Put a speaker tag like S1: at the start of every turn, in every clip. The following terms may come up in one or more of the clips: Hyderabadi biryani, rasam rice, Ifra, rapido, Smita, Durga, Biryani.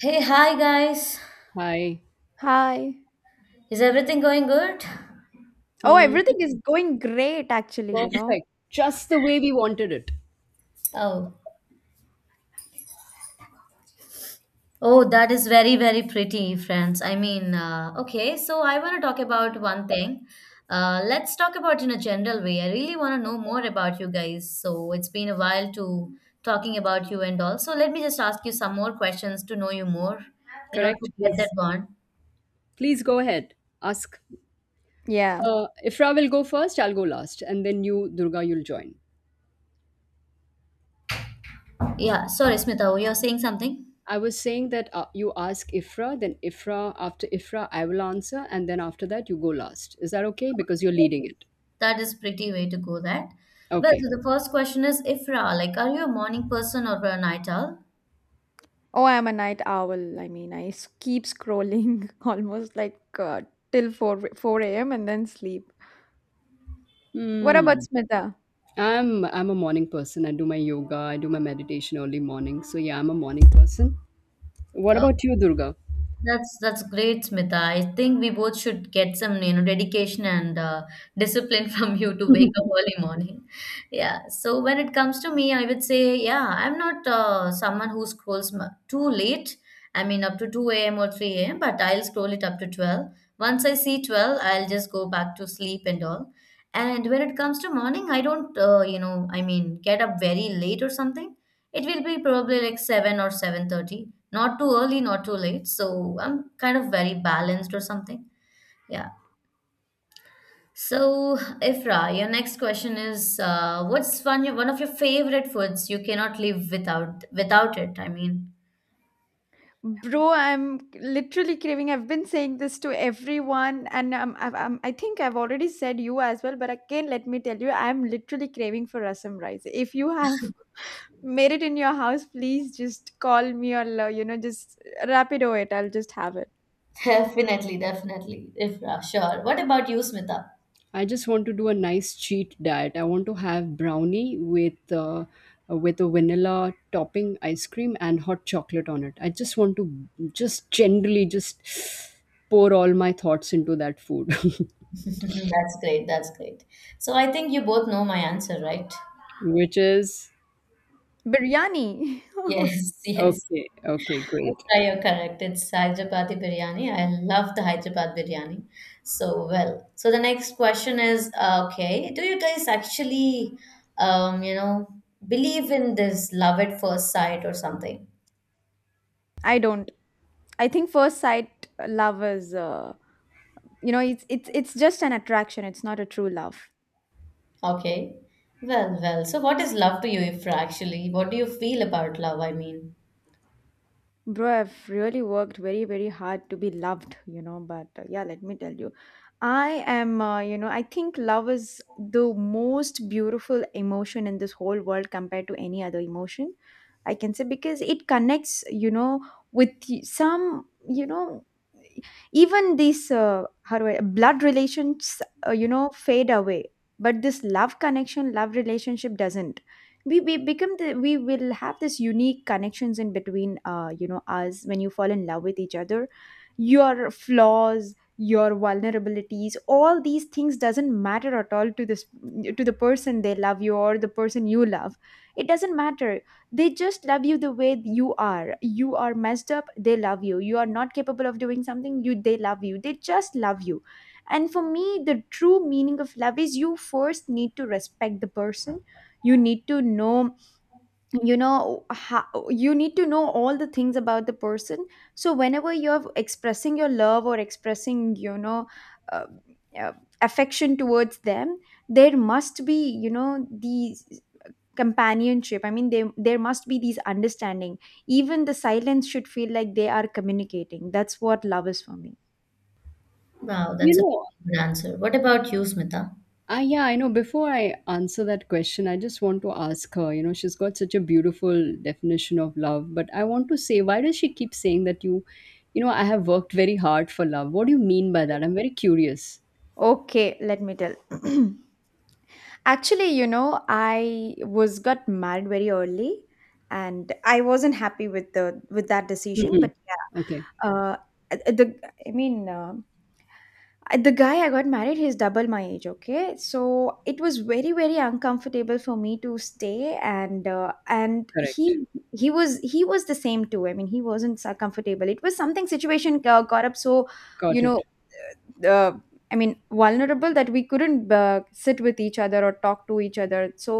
S1: Hey, hi guys.
S2: Hi.
S3: Hi.
S1: Is everything going good?
S3: Oh,
S2: Hmm,
S3: everything
S2: it's
S3: is going great actually.
S2: perfect. Just the way we wanted it.
S1: Oh. Oh, that is very, very pretty, friends. So I want to talk about one thing. Let's talk about in a general way. I really want to know more about you guys. So it's been a while to talking about you and all. So let me just ask you some more questions to know you more, you know,
S2: Correct?
S1: to get that
S2: Please.
S1: bond.
S2: Please go ahead. Ask.
S3: Yeah.
S2: Ifra will go first, I'll go last. And then you, Durga, you'll join.
S1: Yeah, sorry, Smita, you're saying something?
S2: I was saying that you ask Ifra, then Ifra, after Ifra, I will answer. And then after that, you go last. Is that okay? Because you're leading it.
S1: That is pretty way to go that. Well,
S2: Okay.
S1: so the first question is Ifra, like, are you a morning person or a night owl?
S3: Oh, I'm a night owl. I mean, keep scrolling almost like till 4 a.m. and then sleep. What about
S2: Hmm.
S3: Smita?
S2: I'm a morning person. I do my yoga, I do my meditation early morning. So yeah, I'm a morning person. What about you, Durga?
S1: That's great, Smita. I think we both should get some, you know, dedication and discipline from you to wake up early morning. Yeah. So when it comes to me, I would say, yeah, I'm not someone who too late. I mean, up to 2 a.m. or 3 a.m., but I'll scroll it up to 12. Once I see 12, I'll just go back to sleep and all. And when it comes to morning, I don't, you know, I mean, get up very late or something. It will be probably like 7 or 7:30, not too early, not too late. So I'm kind of very balanced or something. Yeah. So, Ifra, your next question is what's your one of your favorite foods you cannot live without it? I mean,
S3: Bro, I'm literally craving. I've been saying this to everyone, and I think I've already said you as well. But again, let me tell you, I'm literally craving for rasam rice. If you have made it in your house, please just call me or just rapido it. I'll just have it.
S1: definitely, definitely. Ifra, sure. What about you, Smita?
S2: I just want to do a nice cheat diet. I want to have brownie with a vanilla topping ice cream and hot chocolate on it. I just want to just generally just pour all my thoughts into that food,
S1: That's great. That's great. So I think you both know my answer, right?
S2: which is
S3: Biryani.
S1: Yes, yes.
S2: okay. Okay, great.
S1: That's right. You're correct. It's Hyderabadi biryani. I love the Hyderabad biryani so well. So the next question is, okay, do you guys actually, you know, believe in this love at first sight or something?
S3: I don't. I think first sight love is, it's just an attraction. It's not a true love.
S1: Okay. Well, well. So what is love to you, Ifra, actually? What do you feel about love? I mean,
S3: Bro, I've really worked very very hard to be loved. But yeah, let me tell you, I am, you know, I think love is the most beautiful emotion in this whole world compared to any other emotion. I can say because it connects, with some, even these blood relations fade away, but this love connection love relationship doesn't. We will have this unique connections in between us when you fall in love with each other. Your flaws, your vulnerabilities, all these things doesn't matter at all to this to the person they love you, or the person you love, it doesn't matter. They just love you the way you are. You are messed up, they love you. You are not capable of doing something, you they love you, they just love you. And for me, the true meaning of love is you first need to respect the person. you need to know you know how, you need to know all the things about the person. So whenever you're expressing your love or expressing uh, uh, affection towards them, there must be, these companionship. I mean, there must be these understanding. Even the silence should feel like they are communicating. That's what love is for me.
S1: wow,
S2: You
S1: that's a
S2: know,
S1: good answer. What about you, Smita?
S2: ah yeah, I know. Before I answer that question, I just want to ask her. You know, she's got such a beautiful definition of love, but I want to say, why does she keep saying that you, I have worked very hard for love? What do you mean by that? I'm very curious.
S3: Okay, let me tell. Actually, I was got married very early, and I wasn't happy with the with that decision,
S2: Hmm.
S3: but
S2: Okay,
S3: yeah. The I mean, the guy I got married, he's double my age, okay? So it was very, very uncomfortable for me to stay, and
S2: correct.
S3: he was the same too. I mean, he wasn't so comfortable. It was something situation got up, so,
S2: Got
S3: you know,
S2: it.
S3: uh, I mean, vulnerable, that we couldn't sit with each other or talk to each other. So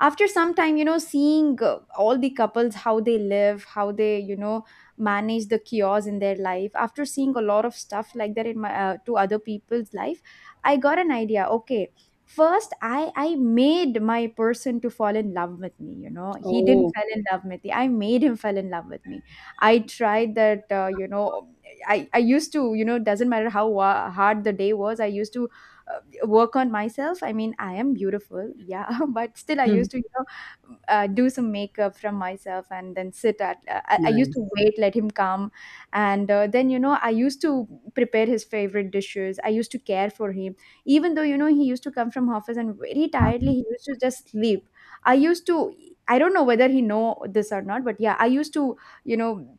S3: after some time, seeing all the couples, how they live, how they manage the chaos in their life, after seeing a lot of stuff like that in my to other people's life, I got an idea. Okay, first I made my person to fall in love with me. He didn't
S2: Oh,
S3: fall in
S2: okay.
S3: love with me, I made him fall in love with me. I tried that, I used to, doesn't matter how hard the day was, I used to uh, work on myself. I mean, I am beautiful, yeah, but still I
S2: Mhm.
S3: used to, do some makeup from myself and then I used to
S2: Nice.
S3: wait, let him come. And then, I used to prepare his favorite dishes. I used to care for him even though, he used to come from office and very tiredly he used to just sleep. I used to I don't know whether he know this or not, but yeah, I used to you know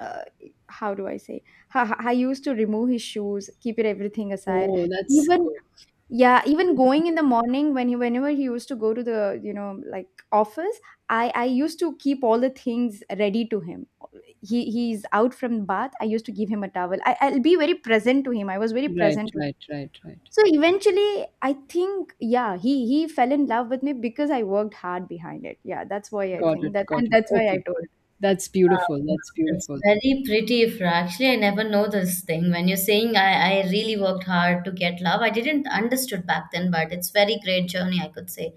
S3: uh, how do I say? I used to remove his shoes, keep it everything aside.
S2: Oh, that's
S3: Even
S2: good.
S3: Yeah, even going in the morning, whenever he used to go to the like office, I used to keep all the things ready to him. He's out from the bath, I used to give him a towel. I'll be very present to him. I was very
S2: Right,
S3: present to him.
S2: right, right, right.
S3: So eventually, I think yeah, he fell in love with me because I worked hard behind it. Yeah, that's why I
S2: Got
S3: think
S2: it,
S3: that,
S2: got
S3: and
S2: it.
S3: that's why I
S2: Okay.
S3: told.
S2: That's beautiful.
S1: Um,
S2: That's
S1: That's
S2: beautiful.
S1: very pretty if actually I never know this thing. When you're saying I really worked hard to get love, I didn't understood back then, but it's very great journey, I could say.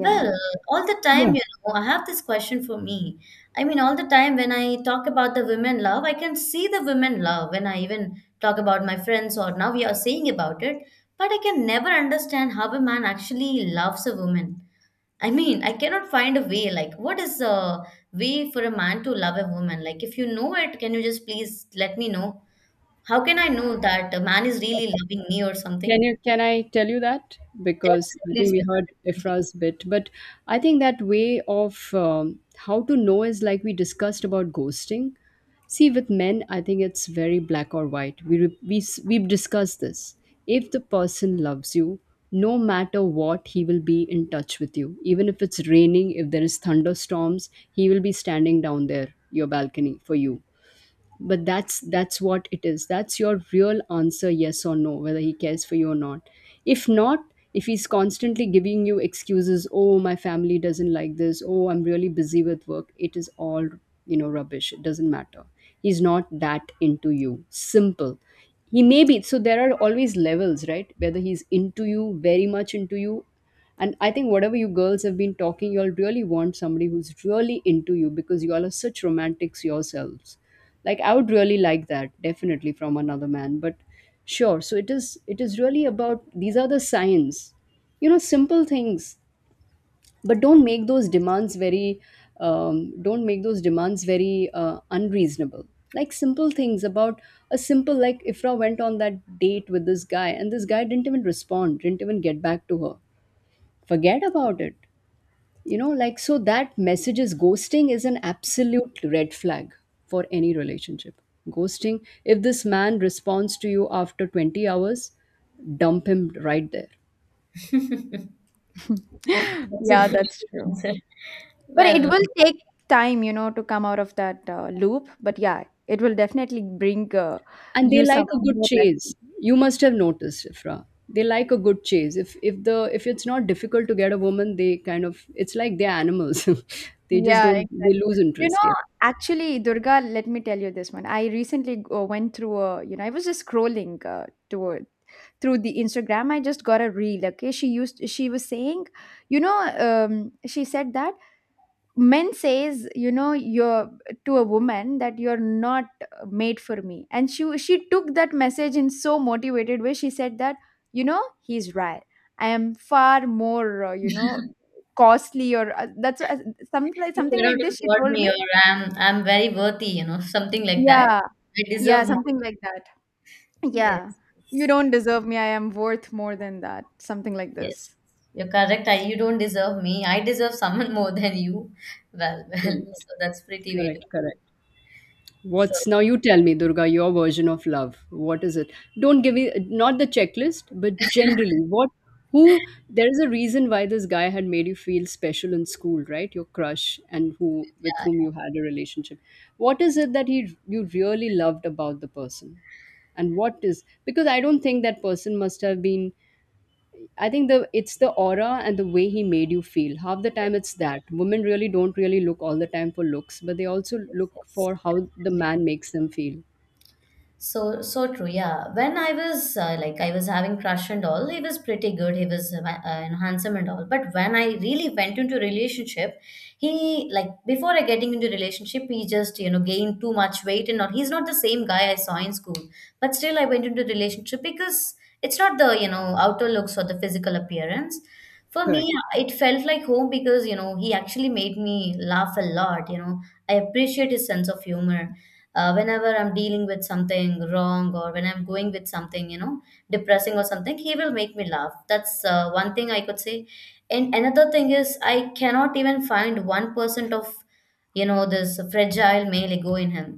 S1: Well, all the time, you know, I have this question for me. I mean, all the time when I talk about the women love, I can see the women love when I even talk about my friends or now we are saying about it, but I can never understand how a man actually loves a woman. I mean, I cannot find a way. Like, what is a way for a man to love a woman? Like, if you know it, can you just please let me know? How can I know that a man is really loving me or
S2: Can
S1: something?
S2: you, can I tell you that because I
S1: Definitely,
S2: think
S1: it's
S2: we
S1: with
S2: heard
S1: that,
S2: Ifra's bit, but I think that way of how to know is like we discussed about ghosting. See, with men, I think it's very black or white. We re- we s- We've discussed this. If the person loves you, no matter what, he will be in touch with you. Even if it's raining, if there is thunderstorms, he will be standing down there, your balcony for you, but that's what it is. That's your real answer, yes or no, whether he cares for you or not. If not, if he's constantly giving you excuses, oh my family doesn't like this, oh I'm really busy with work, it is all, you know, rubbish. It doesn't matter. He's not that into you. Simple. He may be, so there are always levels, right? Whether he's into you, very much into you. And I think whatever you girls have been talking, you'll really want somebody who's really into you because you all are such romantics yourselves. Like I would really like that, definitely from another man. But sure, so it is really about, these are the signs. You know, simple things. But don't make those demands very, don't make those demands very unreasonable. Like simple things about a simple, like Ifra went on that date with this guy and this guy didn't even respond, didn't even get back to her. Forget about it, you know, like, so that message is, ghosting is an absolute red flag for any relationship. Ghosting, if this man responds to you after 20 hours, dump him right there.
S1: definitely. That's a
S3: yeah,
S1: very
S3: that's
S1: good
S3: true.
S1: answer.
S3: But it
S1: Well,
S3: will take time, to come out of that loop. But yeah, it will definitely bring
S2: And they
S3: you
S2: like
S3: some
S2: a good
S3: more
S2: chase.
S3: lessons.
S2: You must have noticed, Ifra. They like a good chase. If it's not difficult to get a woman, they kind of, it's like they're animals. They just
S3: Yeah,
S2: don't, they
S3: exactly.
S2: lose
S3: You
S2: interest,
S3: know,
S2: yeah.
S3: Actually, Durga, let me tell you this one. I recently went through a, you know, I was just scrolling toward through the Instagram. I just got a reel. Okay, she was saying, she said that. Men says, you're to a woman that you're not made for me, and she took that message in so motivated way. She said that, he's right. I am far more, costly, or that's something like
S1: you
S3: something
S1: cannot
S3: like this, she
S1: afford
S3: told
S1: me, or
S3: me.
S1: I'm very worthy, you know, something like that.
S3: Yeah.
S1: I
S3: Yeah,
S1: deserve more.
S3: something like that. Yeah,
S1: Yes,
S3: you don't deserve me, I am worth more than that, something like
S1: yes,
S3: this.
S1: you're correct. I, you don't deserve me. I deserve someone more than you. Well, well,
S2: Correct.
S1: so that's pretty way to.
S2: Correct, correct.
S1: So
S2: What's, now you tell me, Durga, your version of love. What is it? Don't give me, not the checklist, but generally, what, who, there is a reason why this guy had made you feel special in school, right? Your crush and who, with whom
S1: yeah,
S2: you had a relationship. What is it that he, you really loved about the person? And what is, because I don't think that person must have been, I think the, it's the aura and the way he made you feel. Half the
S1: yes,
S2: time it's that. Women really don't really look all the time for looks, but they also look
S1: yes,
S2: for how the
S1: yes.
S2: man makes them feel.
S1: So, so true. Yeah. When I was like, I was having crush and all, he was pretty good. He was handsome and all. But when I really went into relationship, he like before I getting into relationship, he just you know gained too much weight and all. He's not the same guy I saw in school. But still, I went into relationship because it's not the you know outer looks or the physical appearance. For me,
S2: Correct.
S1: it felt like home because you know he actually made me laugh a lot. You know, I appreciate his sense of humor whenever I'm dealing with something wrong or when I'm going with something you know depressing or something he will make me laugh. That's one thing I could say. And another thing is I cannot even find 1% of you know this fragile male ego in him.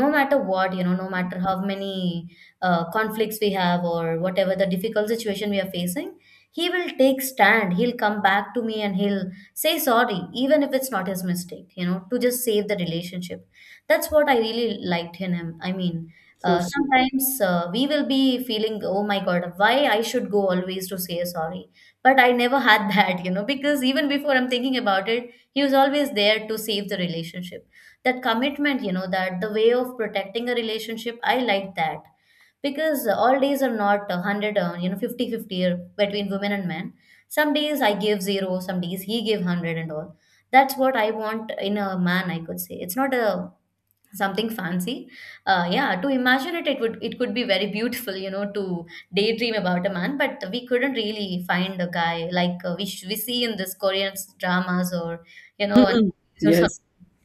S1: No matter what, you know, no matter how many conflicts we have or whatever the difficult situation we are facing, he will take stand, he'll come back to me and he'll say sorry even if it's not his mistake, you know, to just save the relationship. That's what I really liked in him. I mean,
S2: So sweet.
S1: sometimes we will be feeling, oh my God, why I should go always to say sorry. But I never had that, you know, because even before I'm thinking about it, he was always there to save the relationship. That commitment, you know, that the way of protecting a relationship, I like that because all days are not 100, you know, 50-50 between women and men. Some days I give zero, some days he give 100 and all. That's what I want in a man, I could say. It's not a something fancy. Yeah, to imagine it it would, it could be very beautiful, you know, to daydream about a man, but we couldn't really find a guy like we, we see in this Korean dramas or you know, and
S2: Yes.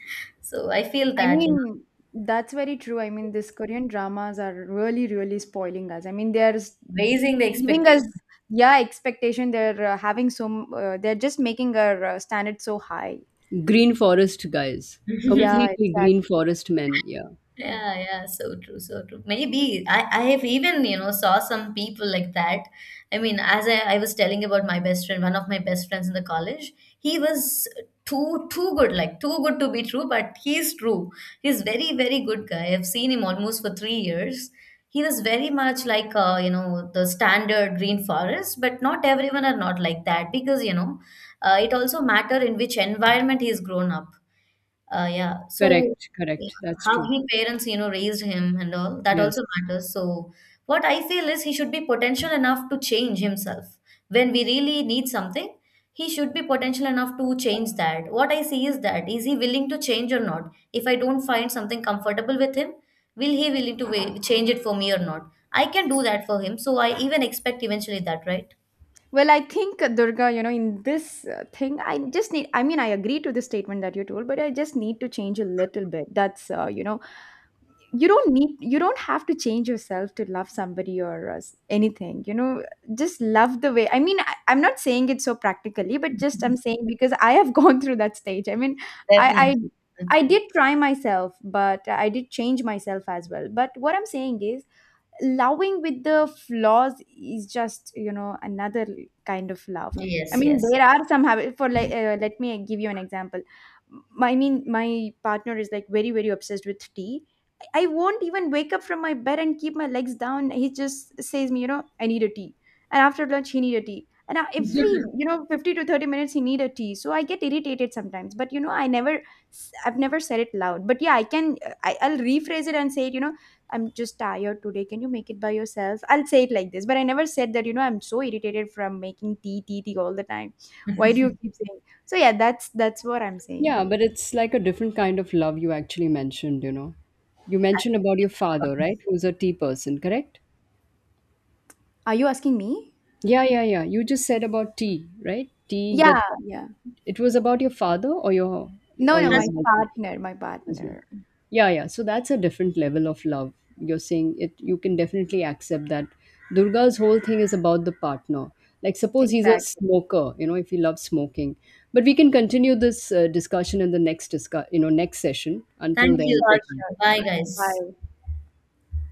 S1: so I feel
S3: I
S1: that you
S3: mean, that's very true. I mean, these Korean dramas are really, really spoiling us. I mean, they're
S1: know raising the
S3: giving us,
S1: expectation.
S3: yeah, expectation. They're just making our standards so high.
S2: Green forest guys.
S3: Yeah,
S2: Completely green
S3: exactly.
S2: forest men. Yeah.
S1: Yeah, yeah, so true, so true. Maybe I have even, you know, saw some people like that. I mean, as I was telling about my best friend, one of my best friends in the college, he was too good, like too good to be true, but he's true. He's very, very good guy. I've seen him almost for 3 years. He was very much like you know, the standard green forest, but not everyone are not like that because, you know, it also matter in which environment he's grown up. Yeah. So
S2: Correct.
S1: yeah,
S2: Correct. That's
S1: how
S2: true.
S1: he parents, you know, raised him and all, that
S2: Yes.
S1: also matters. So what I feel is he should be potential enough to change himself. When we really need something, he should be potential enough to change that. What I see is that is he willing to change or not? If I don't find something comfortable with him, will he willing to change it for me or not? I can do that for him. So I even expect eventually that, right?
S3: Well, I think Durga, in this thing, I mean, I agree to the statement that you told, but I just need to change a little bit. You don't have to change yourself to love somebody or anything, just love the way. I mean, I'm not saying it so practically, but just I'm saying because I have gone through that stage. I mean, I,
S1: Definitely.
S3: I
S1: Okay.
S3: did try myself, but I did change myself as well. But what I'm saying is, loving with the flaws is just, another kind of love. I
S1: Yes,
S3: mean,
S1: yes.
S3: there are some habits. For like Let me give you an example. I mean, my partner is like very very obsessed with tea. I won't even wake up from my bed and keep my legs down. He just says me, I need a tea. And after lunch, he need a tea, and every 50 to 30 minutes he need a tea. So I get irritated sometimes, but I've never said it loud. But yeah, I can I'll rephrase it and say it, I'm just tired today. Can you make it by yourself? I'll say it like this, but I never said that, I'm so irritated from making tea, tea, tea all the time. Why do you keep saying? So yeah, that's what I'm saying
S2: Yeah,
S3: you.
S2: but it's like a different kind of love you actually mentioned, you know. You mentioned about your father, right? Who's a tea person, correct?
S3: Are you asking me?
S2: Yeah, yeah, yeah. You just said about tea, right? Tea
S3: Yeah,
S2: that
S3: yeah.
S2: it was about your father or your,
S3: No,
S2: or
S3: no,
S2: your
S3: my
S1: Has
S2: husband
S3: partner, my
S2: as well.
S3: partner.
S2: Yeah, yeah. So that's a different level of love. You're saying it, you can definitely accept that. Durga's whole thing is about the partner. Like suppose he's a
S3: Exactly.
S2: smoker, you know, if he loves smoking. But we can continue this discussion in the next discuss, you know, next session. Until
S1: thank you.
S2: then,
S3: Sure,
S1: Thank
S2: goodbye.
S1: you.
S3: sure.
S1: Bye,
S2: Bye.
S1: guys.
S3: Bye.